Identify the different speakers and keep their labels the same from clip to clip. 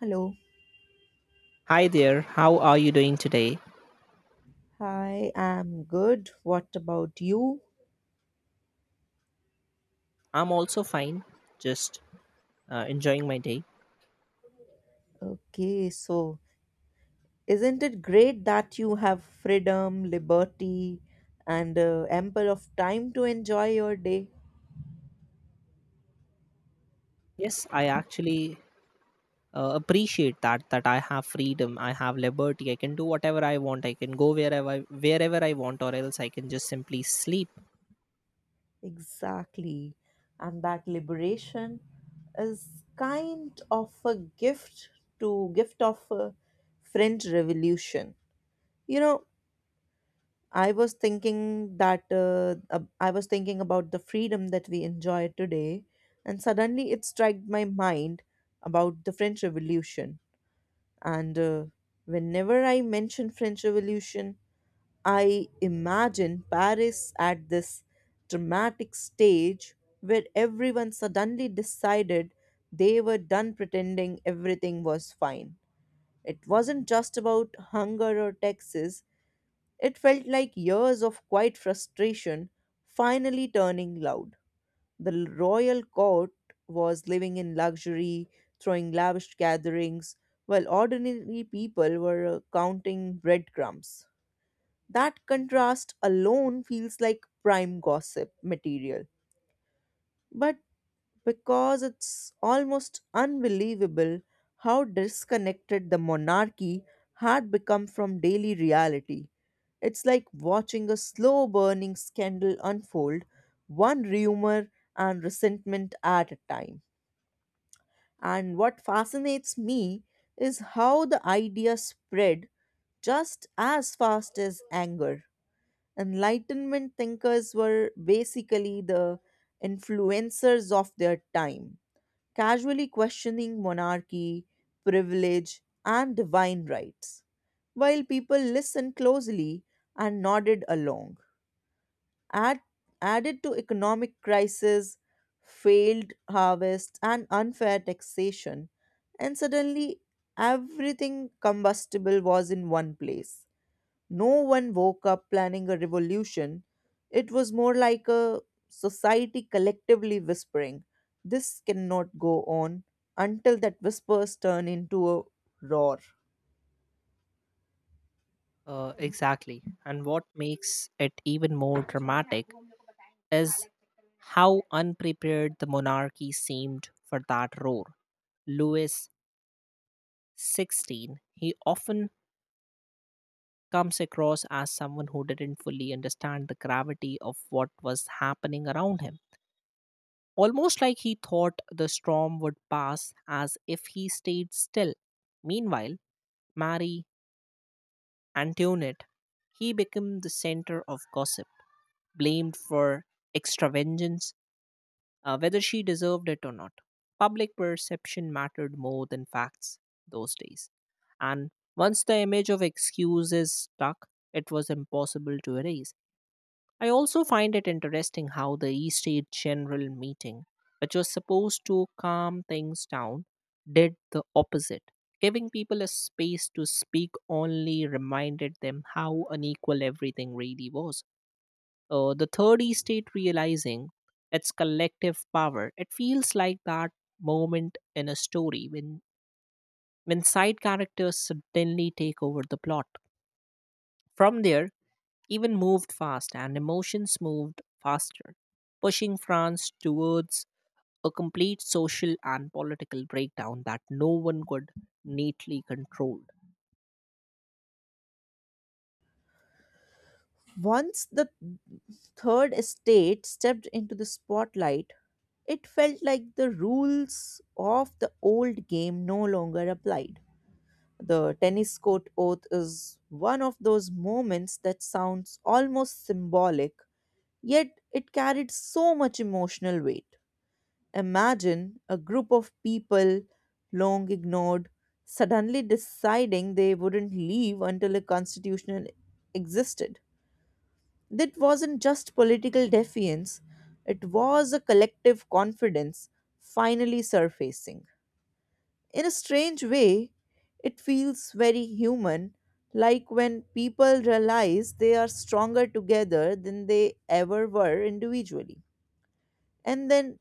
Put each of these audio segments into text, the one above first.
Speaker 1: Hello.
Speaker 2: Hi there, how are you doing today?
Speaker 1: Hi, I'm good. What about you?
Speaker 2: I'm also fine, just enjoying my day.
Speaker 1: Okay, so isn't it great that you have freedom, liberty, and ample of time to enjoy your day?
Speaker 2: Yes, I actually appreciate that I have freedom, I have liberty, I can do whatever I want, I can go wherever I want or else I can just simply sleep.
Speaker 1: Exactly. And that liberation is kind of a gift to gift of a French Revolution. You know, I was thinking that I was thinking about the freedom that we enjoy today, and suddenly it struck my mind about the French Revolution. And whenever I mention French Revolution, I imagine Paris at this dramatic stage where everyone suddenly decided they were done pretending everything was fine. It wasn't just about hunger or taxes, it felt like years of quiet frustration finally turning loud. The royal court was living in luxury, throwing lavish gatherings, while ordinary people were counting breadcrumbs. That contrast alone feels like prime gossip material, but because it's almost unbelievable how disconnected the monarchy had become from daily reality. It's like watching a slow burning scandal unfold, one rumor and resentment at a time. And what fascinates me is how the idea spread just as fast as anger. Enlightenment thinkers were basically the influencers of their time, casually questioning monarchy, privilege, and divine rights, while people listened closely and nodded along. Add, Added to economic crisis, failed harvests, and unfair taxation, and suddenly everything combustible was in one place. No one woke up planning a revolution. It was more like a society collectively whispering, "This cannot go on," until that whispers turn into a roar.
Speaker 2: Exactly. And what makes it even more dramatic is how unprepared the monarchy seemed for that roar. Louis XVI, he often comes across as someone who didn't fully understand the gravity of what was happening around him. Almost like he thought the storm would pass as if he stayed still. Meanwhile, Marie Antoinette, he became the center of gossip blamed for extravagance, whether she deserved it or not. Public perception mattered more than facts those days. And once the image of excuse is stuck, it was impossible to erase. I also find it interesting how the East State General meeting, which was supposed to calm things down, did the opposite. Giving people a space to speak only reminded them how unequal everything really was. The third estate realizing its collective power. It feels like that moment in a story when side characters suddenly take over the plot. From there, even moved fast and emotions moved faster, pushing France towards a complete social and political breakdown that no one could neatly control.
Speaker 1: Once the third estate stepped into the spotlight, it felt like the rules of the old game no longer applied. The tennis court oath is one of those moments that sounds almost symbolic, yet it carried so much emotional weight. Imagine a group of people, long ignored, suddenly deciding they wouldn't leave until a constitution existed. That wasn't just political defiance, it was a collective confidence finally surfacing. In a strange way, it feels very human, like when people realize they are stronger together than they ever were individually. And then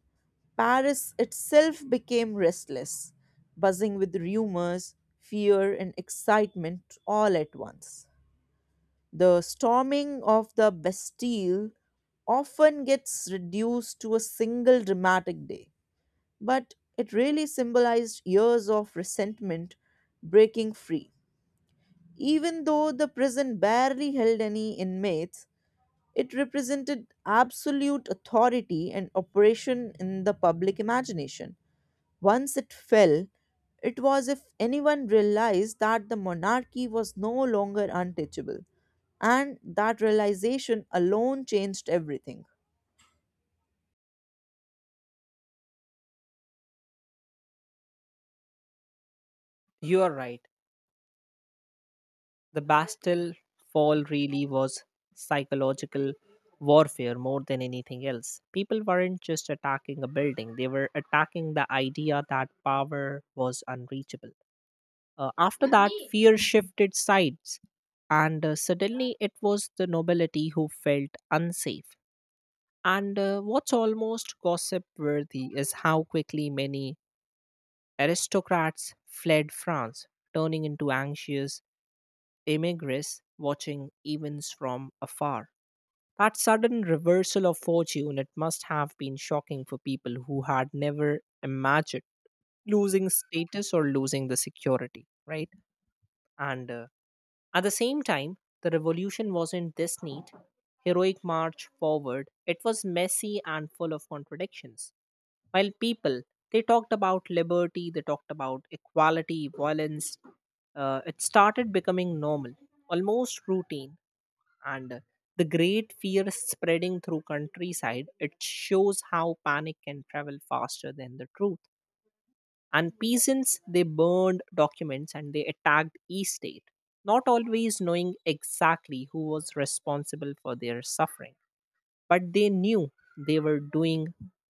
Speaker 1: Paris itself became restless, buzzing with rumors, fear, and excitement all at once. The storming of the Bastille often gets reduced to a single dramatic day, but it really symbolized years of resentment breaking free. Even though the prison barely held any inmates, it represented absolute authority and oppression in the public imagination. Once it fell, it was if anyone realized that the monarchy was no longer untouchable, and that realization alone changed everything.
Speaker 2: You are right. The Bastille fall really was psychological warfare more than anything else. People weren't just attacking a building, they were attacking the idea that power was unreachable. After that, fear shifted sides, and suddenly it was the nobility who felt unsafe. And what's almost gossip worthy is how quickly many aristocrats fled France, turning into anxious immigrants watching events from afar. That sudden reversal of fortune, it must have been shocking for people who had never imagined losing status or losing the security, right? And at the same time, the revolution wasn't this neat, heroic march forward. It was messy and full of contradictions. While people, they talked about liberty, they talked about equality, violence, it started becoming normal, almost routine, and the great fear spreading through countryside, it shows how panic can travel faster than the truth. And peasants, they burned documents and they attacked east, not always knowing exactly who was responsible for their suffering, but they knew they were doing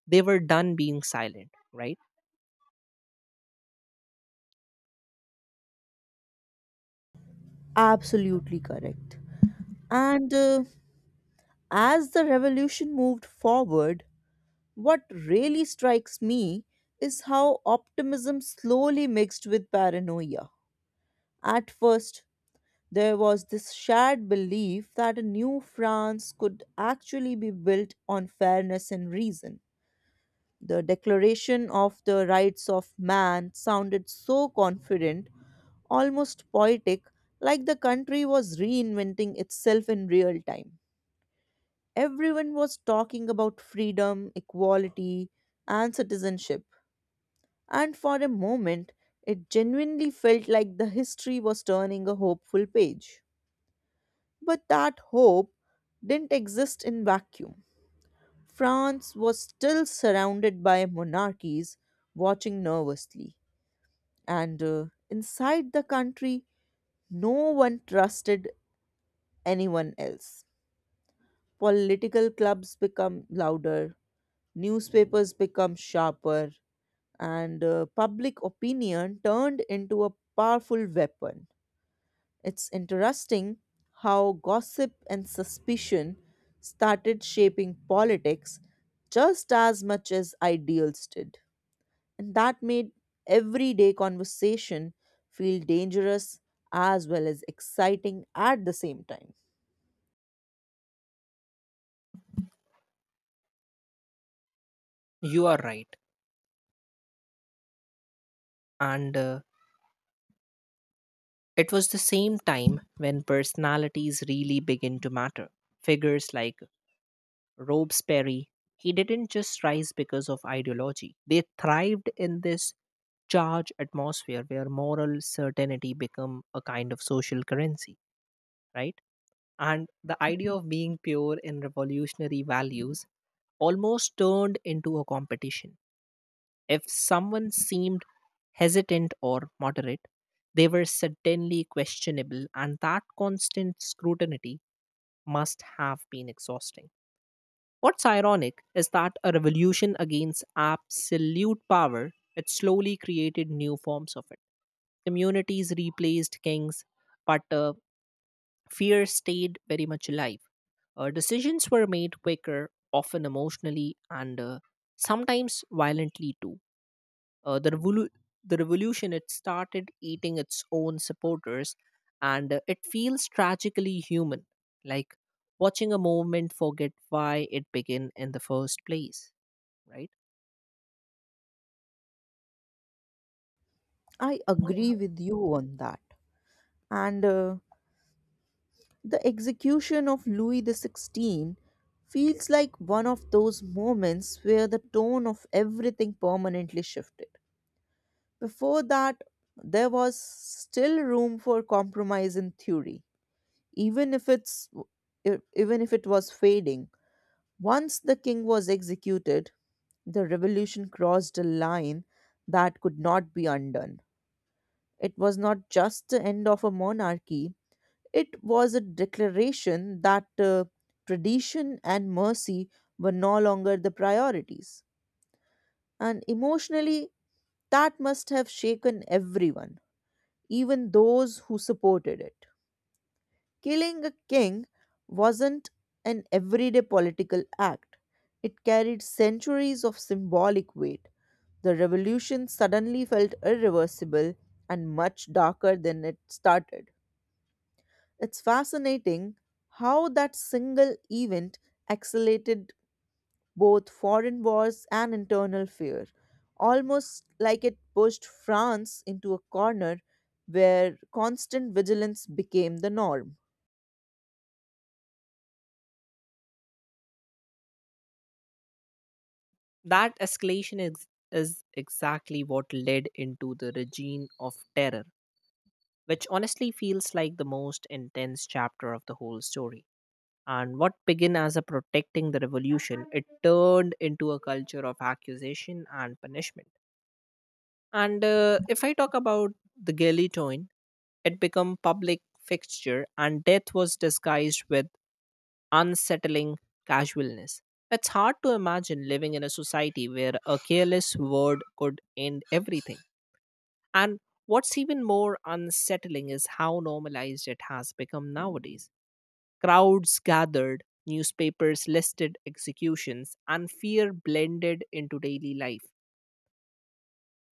Speaker 2: they were done being silent, right?
Speaker 1: Absolutely correct. And as the revolution moved forward, what really strikes me is how optimism slowly mixed with paranoia. At first, there was this shared belief that a new France could actually be built on fairness and reason. The Declaration of the Rights of Man sounded so confident, almost poetic, like the country was reinventing itself in real time. Everyone was talking about freedom, equality, and citizenship, and for a moment, it genuinely felt like the history was turning a hopeful page. But that hope didn't exist in vacuum. France was still surrounded by monarchies watching nervously. And inside the country, no one trusted anyone else. Political clubs become louder, newspapers become sharper, and public opinion turned into a powerful weapon. It's interesting how gossip and suspicion started shaping politics just as much as ideals did. And that made everyday conversation feel dangerous as well as exciting at the same time.
Speaker 2: You are right. And it was the same time when personalities really begin to matter. Figures like Robespierre, he didn't just rise because of ideology. They thrived in this charged atmosphere where moral certainty become a kind of social currency, right? And the idea of being pure in revolutionary values almost turned into a competition. If someone seemed hesitant or moderate, they were certainly questionable, and that constant scrutiny must have been exhausting. What's ironic is that a revolution against absolute power, it slowly created new forms of it. Communities replaced kings, but fear stayed very much alive. Decisions were made quicker, often emotionally, and sometimes violently too. uh, the, revolu- the revolution, it started eating its own supporters, and it feels tragically human, like watching a movement forget why it began in the first place, right?
Speaker 1: I agree with you on that. And the execution of Louis the XVI feels like one of those moments where the tone of everything permanently shifted. Before that, there was still room for compromise in theory, even if it's even if it was fading. Once the king was executed, the revolution crossed a line that could not be undone. It was not just the end of a monarchy, it was a declaration that tradition and mercy were no longer the priorities. And emotionally, that must have shaken everyone, even those who supported it. Killing a king wasn't an everyday political act, it carried centuries of symbolic weight. The revolution suddenly felt irreversible and much darker than it started. It's fascinating how that single event accelerated both foreign wars and internal fear, almost like it pushed France into a corner where constant vigilance became the norm.
Speaker 2: That escalation is exactly what led into the regime of terror, which honestly feels like the most intense chapter of the whole story. And what began as a protecting the revolution, it turned into a culture of accusation and punishment. And if I talk about the guillotine, it became public fixture, and death was disguised with unsettling casualness. It's hard to imagine living in a society where a careless word could end everything. And what's even more unsettling is how normalized it has become nowadays. Crowds gathered, newspapers listed executions, and fear blended into daily life.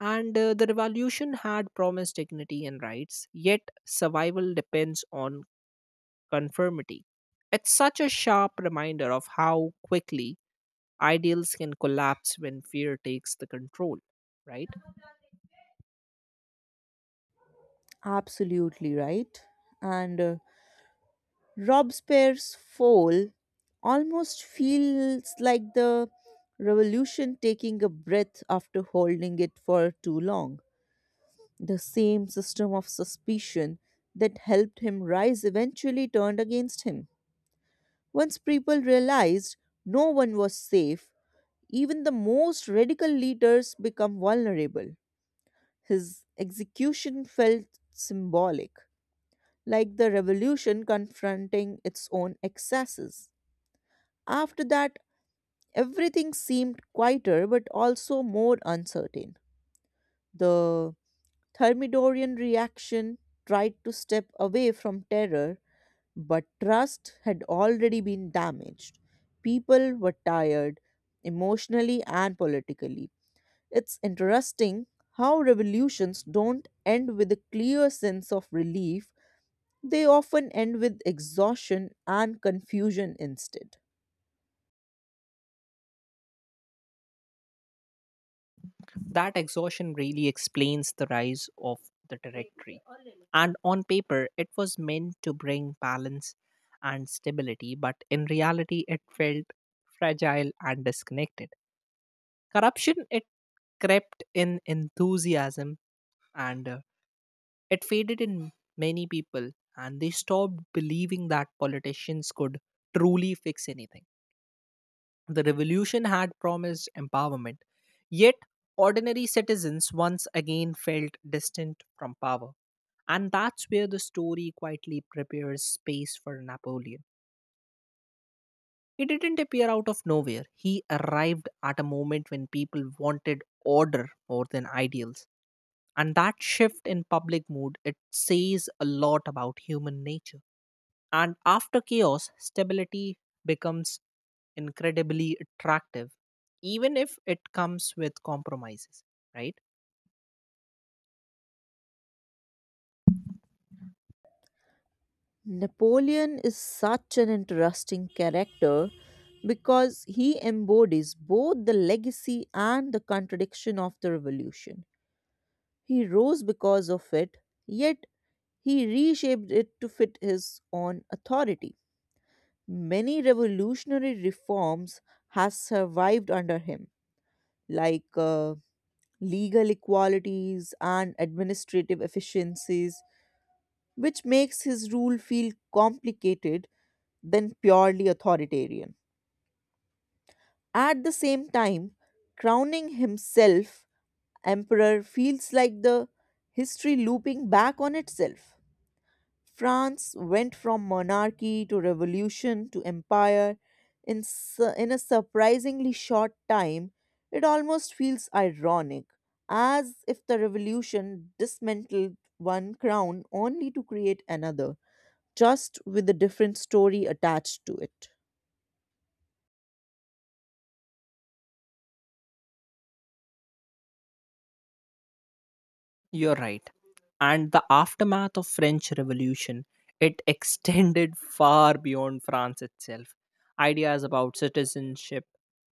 Speaker 2: And the revolution had promised dignity and rights, yet survival depends on conformity. It's such a sharp reminder of how quickly ideals can collapse when fear takes the control, right?
Speaker 1: Absolutely right. And Robespierre's fall almost feels like the revolution taking a breath after holding it for too long. The same system of suspicion that helped him rise eventually turned against him. Once people realized no one was safe, even the most radical leaders become vulnerable. His execution felt symbolic, like the revolution confronting its own excesses. After that, everything seemed quieter but also more uncertain. The Thermidorian reaction tried to step away from terror, but trust had already been damaged. People were tired, emotionally and politically. It's interesting how revolutions don't end with a clear sense of relief, they often end with exhaustion and confusion instead.
Speaker 2: That exhaustion really explains the rise of the directory. And on paper, it was meant to bring balance and stability, but in reality, it felt fragile and disconnected. Corruption, it crept in, enthusiasm and it faded in many people and they stopped believing that politicians could truly fix anything. The revolution had promised empowerment, yet ordinary citizens once again felt distant from power. And that's where the story quietly prepares space for Napoleon. He didn't appear out of nowhere, he arrived at a moment when people wanted order more than ideals. And that shift in public mood, it says a lot about human nature. And after chaos, stability becomes incredibly attractive, even if it comes with compromises, right?
Speaker 1: Napoleon is such an interesting character because he embodies both the legacy and the contradiction of the revolution. He rose because of it, yet he reshaped it to fit his own authority. Many revolutionary reforms has survived under him, like legal equalities and administrative efficiencies, which makes his rule feel complicated than purely authoritarian. At the same time, crowning himself emperor feels like the history looping back on itself. France went from monarchy to revolution to empire in a surprisingly short time. It almost feels ironic, as if the revolution dismantled one crown only to create another, just with a different story attached to it.
Speaker 2: You're right. And the aftermath of French Revolution, it extended far beyond France itself. Ideas about citizenship,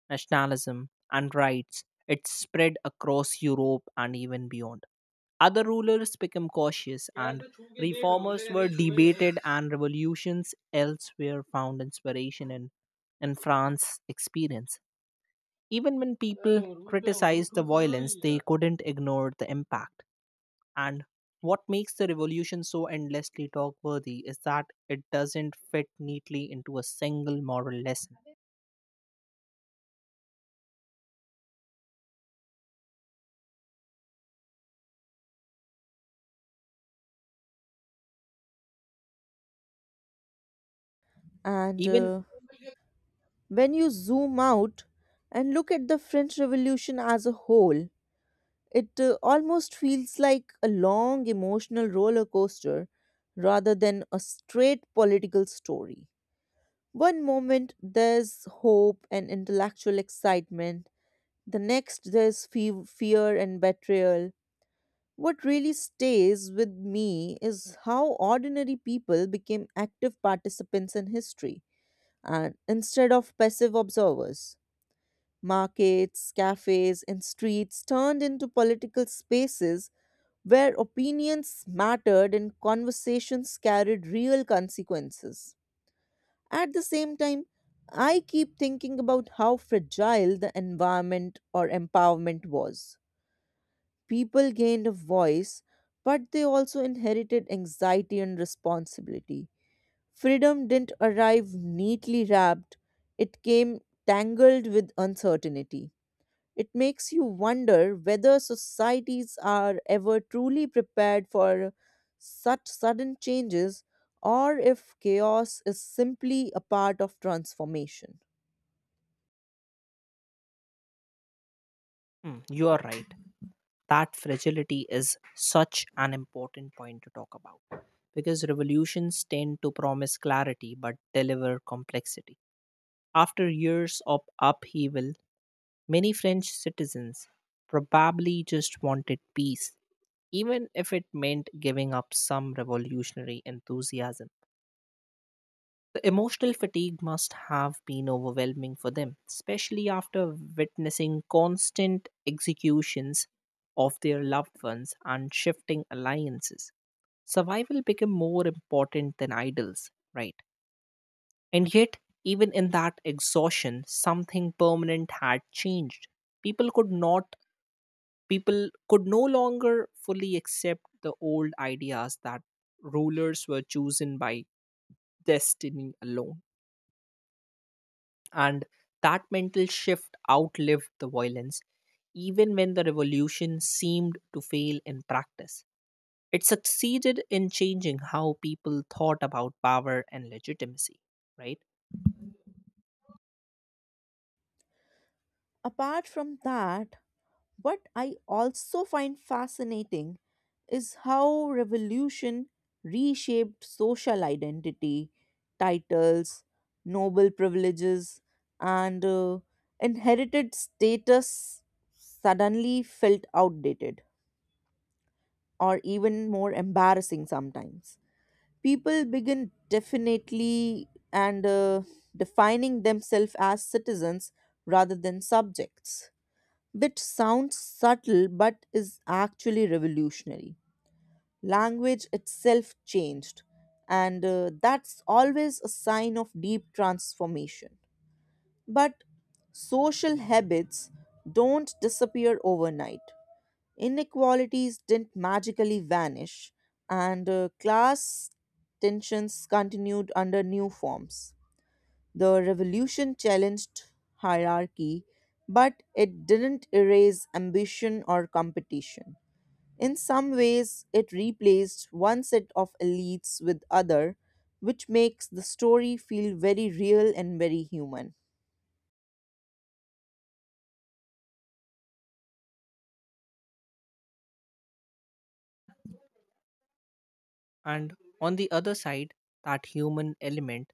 Speaker 2: nationalism, and rights, it spread across Europe and even beyond. Other rulers became cautious, and reformers were debated, and revolutions elsewhere found inspiration in France's experience. Even when people criticized the violence, they couldn't ignore the impact. And what makes the revolution so endlessly talk worthy is that it doesn't fit neatly into a single moral lesson.
Speaker 1: And
Speaker 2: Even.
Speaker 1: when you zoom out and look at the French Revolution as a whole, it almost feels like a long emotional roller coaster rather than a straight political story. One moment there's hope and intellectual excitement, the next there's fear and betrayal. What really stays with me is how ordinary people became active participants in history and instead of passive observers. Markets, cafes, and streets turned into political spaces where opinions mattered and conversations carried real consequences. At the same time, I keep thinking about how fragile the environment or empowerment was. People gained a voice, but they also inherited anxiety and responsibility. Freedom didn't arrive neatly wrapped, it came tangled with uncertainty. It makes you wonder whether societies are ever truly prepared for such sudden changes or if chaos is simply a part of transformation.
Speaker 2: Mm, you are right. That fragility is such an important point to talk about because revolutions tend to promise clarity but deliver complexity. After years of upheaval, many French citizens probably just wanted peace, even if it meant giving up some revolutionary enthusiasm. The emotional fatigue must have been overwhelming for them, especially after witnessing constant executions of their loved ones and shifting alliances. Survival became more important than idols, right? And yet, even in that exhaustion, something permanent had changed. People could not, People could no longer fully accept the old ideas that rulers were chosen by destiny alone. And that mental shift outlived the violence, even when the revolution seemed to fail in practice. It succeeded in changing how people thought about power and legitimacy, right?
Speaker 1: Apart from that, what I also find fascinating is how revolution reshaped social identity, titles, noble privileges, and inherited status suddenly felt outdated or even more embarrassing sometimes. People begin definitely and defining themselves as citizens rather than subjects which sounds subtle but is actually revolutionary. Language itself changed, and that's always a sign of deep transformation. But social habits don't disappear overnight. Inequalities didn't magically vanish, and class tensions continued under new forms. The revolution challenged hierarchy, but it didn't erase ambition or competition. In some ways, it replaced one set of elites with other, which makes the story feel very real and very human.
Speaker 2: And on the other side, that human element,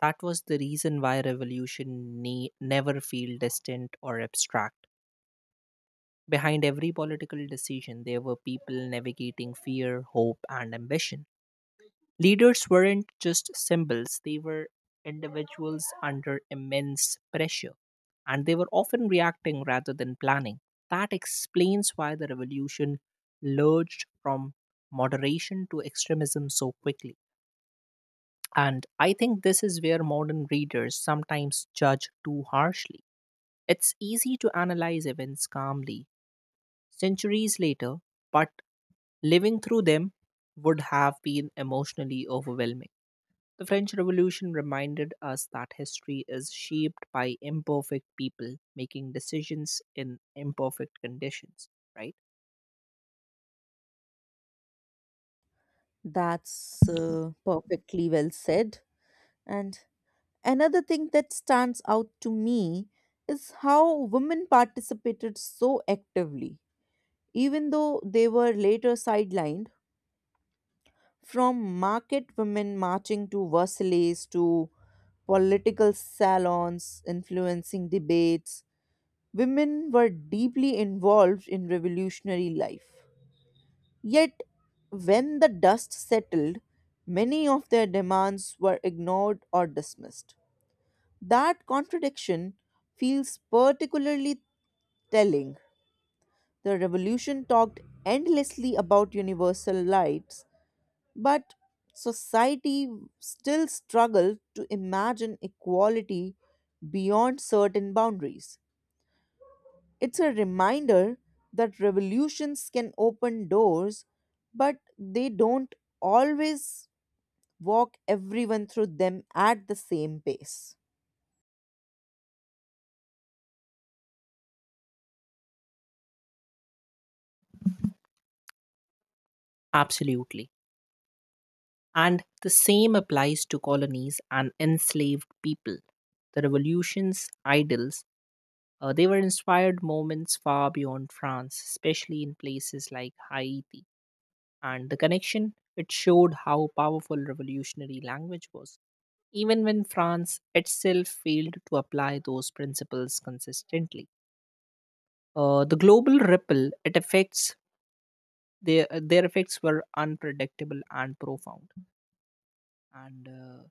Speaker 2: that was the reason why revolution never feel distant or abstract. Behind every political decision, there were people navigating fear, hope, and ambition. Leaders weren't just symbols, they were individuals under immense pressure, and they were often reacting rather than planning. That explains why the revolution lurched from moderation to extremism so quickly. And I think this is where modern readers sometimes judge too harshly. It's easy to analyze events calmly centuries later, but living through them would have been emotionally overwhelming. The French Revolution reminded us that history is shaped by imperfect people making decisions in imperfect conditions, right?
Speaker 1: That's perfectly well said. And another thing that stands out to me is how women participated so actively. Even though they were later sidelined, from market women marching to Versailles to political salons influencing debates, women were deeply involved in revolutionary life. Yet, when the dust settled, many of their demands were ignored or dismissed. That contradiction feels particularly telling. The revolution talked endlessly about universal rights, but society still struggles to imagine equality beyond certain boundaries. It's a reminder that revolutions can open doors, but they don't always walk everyone through them at the same pace.
Speaker 2: Absolutely. And the same applies to colonies and enslaved people. The revolution's idols, they were inspired moments far beyond France, especially in places like Haiti. And the connection, it showed how powerful revolutionary language was, even when France itself failed to apply those principles consistently. The global ripple it affects, their effects were unpredictable and profound, and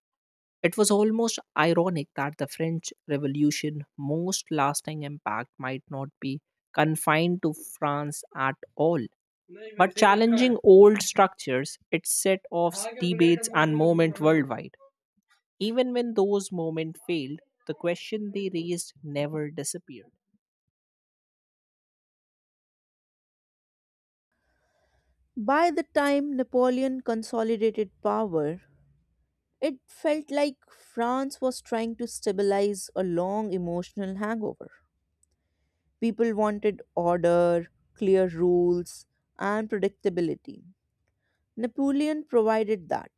Speaker 2: it was almost ironic that the French Revolution most lasting impact might not be confined to France at all. But challenging old structures, it set off debates and movement worldwide. Even when those moments failed, the question they raised never disappeared.
Speaker 1: By the time Napoleon consolidated power, it felt like France was trying to stabilize a long emotional hangover. People wanted order, clear rules, and predictability. Napoleon provided that,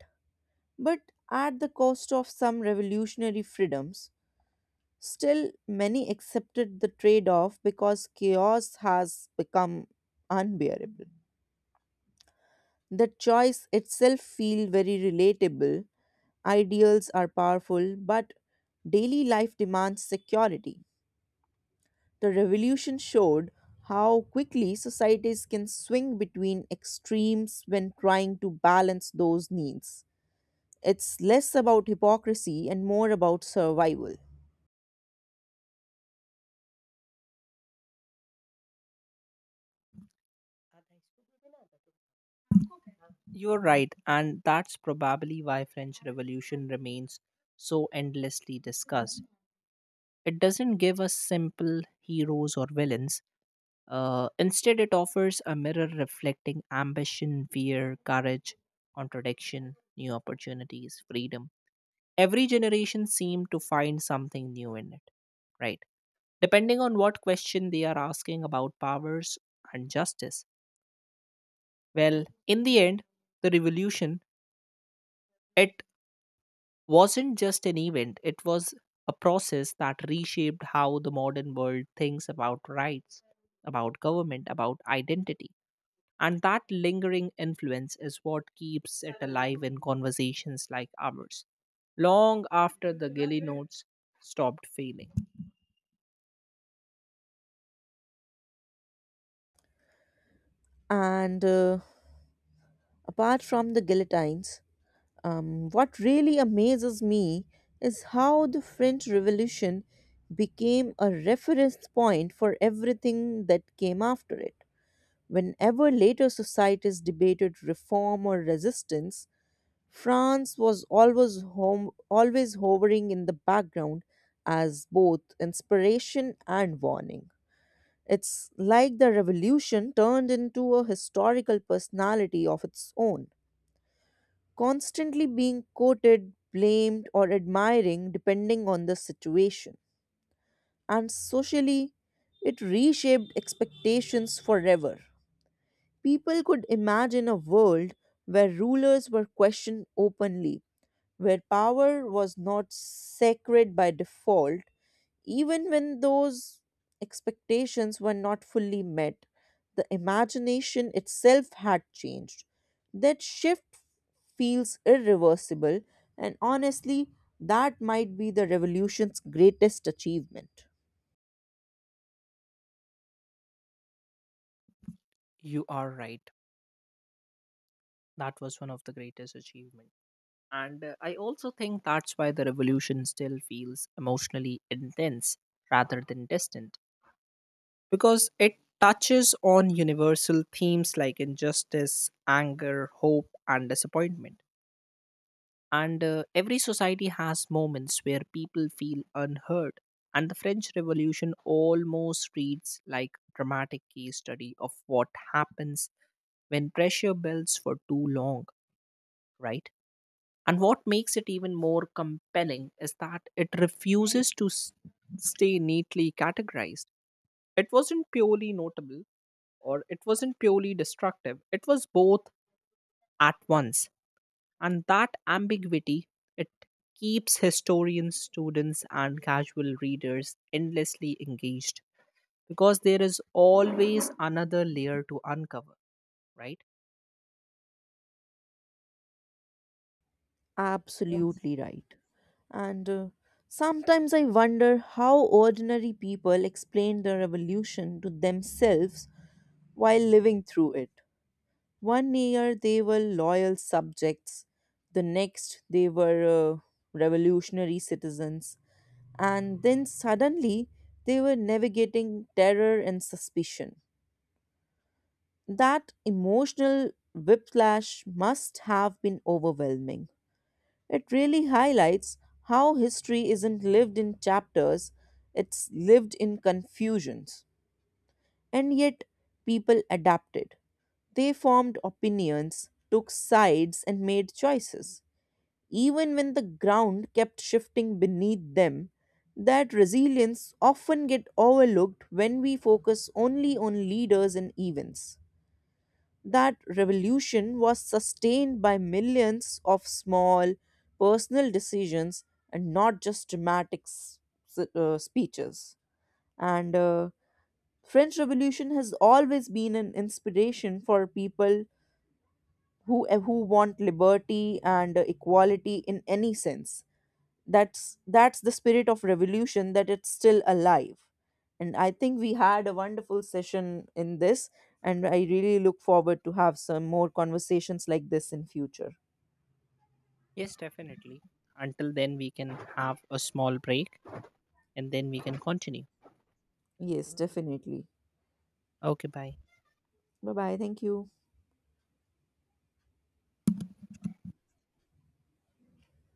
Speaker 1: but at the cost of some revolutionary freedoms. Still, many accepted the trade off because chaos has become unbearable. The choice itself feels very relatable. Ideals are powerful, but daily life demands security. The revolution showed how quickly societies can swing between extremes when trying to balance those needs. It's less about hypocrisy and more about survival.
Speaker 2: You're right, and that's probably why French Revolution remains so endlessly discussed. It doesn't give us simple heroes or villains. Instead, it offers a mirror reflecting ambition, fear, courage, contradiction, new opportunities, freedom. Every generation seemed to find something new in it, right? Depending on what question they are asking about powers and justice. Well, in the end, the revolution, it wasn't just an event, it was a process that reshaped how the modern world thinks about rights, about government, about identity. And that lingering influence is what keeps it alive in conversations like ours, long after the Gilly notes stopped failing.
Speaker 1: And apart from the guillotines, what really amazes me is how the French Revolution became a reference point for everything that came after it. Whenever later societies debated reform or resistance, France was always home, always hovering in the background as both inspiration and warning. It's like the revolution turned into a historical personality of its own, constantly being quoted, blamed, or admiring depending on the situation. And socially, it reshaped expectations forever. People could imagine a world where rulers were questioned openly where power was not sacred by default, even when those expectations were not fully met. The imagination itself had changed. That shift feels irreversible, and honestly, that might be the revolution's greatest achievement.
Speaker 2: You are right. That was one of the greatest achievements. And I also think that's why the revolution still feels emotionally intense rather than distant, because it touches on universal themes like injustice, anger, hope, and disappointment. And every society has moments where people feel unheard. And the French Revolution almost reads like a dramatic case study of what happens when pressure builds for too long, right? And what makes it even more compelling is that it refuses to stay neatly categorized. It wasn't purely notable, or it wasn't purely destructive, it was both at once. And that ambiguity, it keeps historians, students, and casual readers endlessly engaged because there is always another layer to uncover, right?
Speaker 1: Absolutely right. And sometimes I wonder how ordinary people explain the revolution to themselves while living through it. One year they were loyal subjects, the next they were revolutionary citizens, and then suddenly they were navigating terror and suspicion. That emotional whiplash must have been overwhelming. It really highlights how history isn't lived in chapters, it's lived in confusions. And yet, people adapted. They formed opinions, took sides, and made choices. Even when the ground kept shifting beneath them, that resilience often get overlooked when we focus only on leaders and events. That revolution was sustained by millions of small personal decisions and not just dramatic speeches. And French Revolution has always been an inspiration for people who want liberty and equality in any sense. That's the spirit of revolution that it's still alive. And I think we had a wonderful session in this and I really look forward to have some more conversations like this in future.
Speaker 2: Yes, definitely. Until then, we can have a small break and then we can continue.
Speaker 1: Yes, definitely.
Speaker 2: Okay, bye.
Speaker 1: Bye bye. Thank you.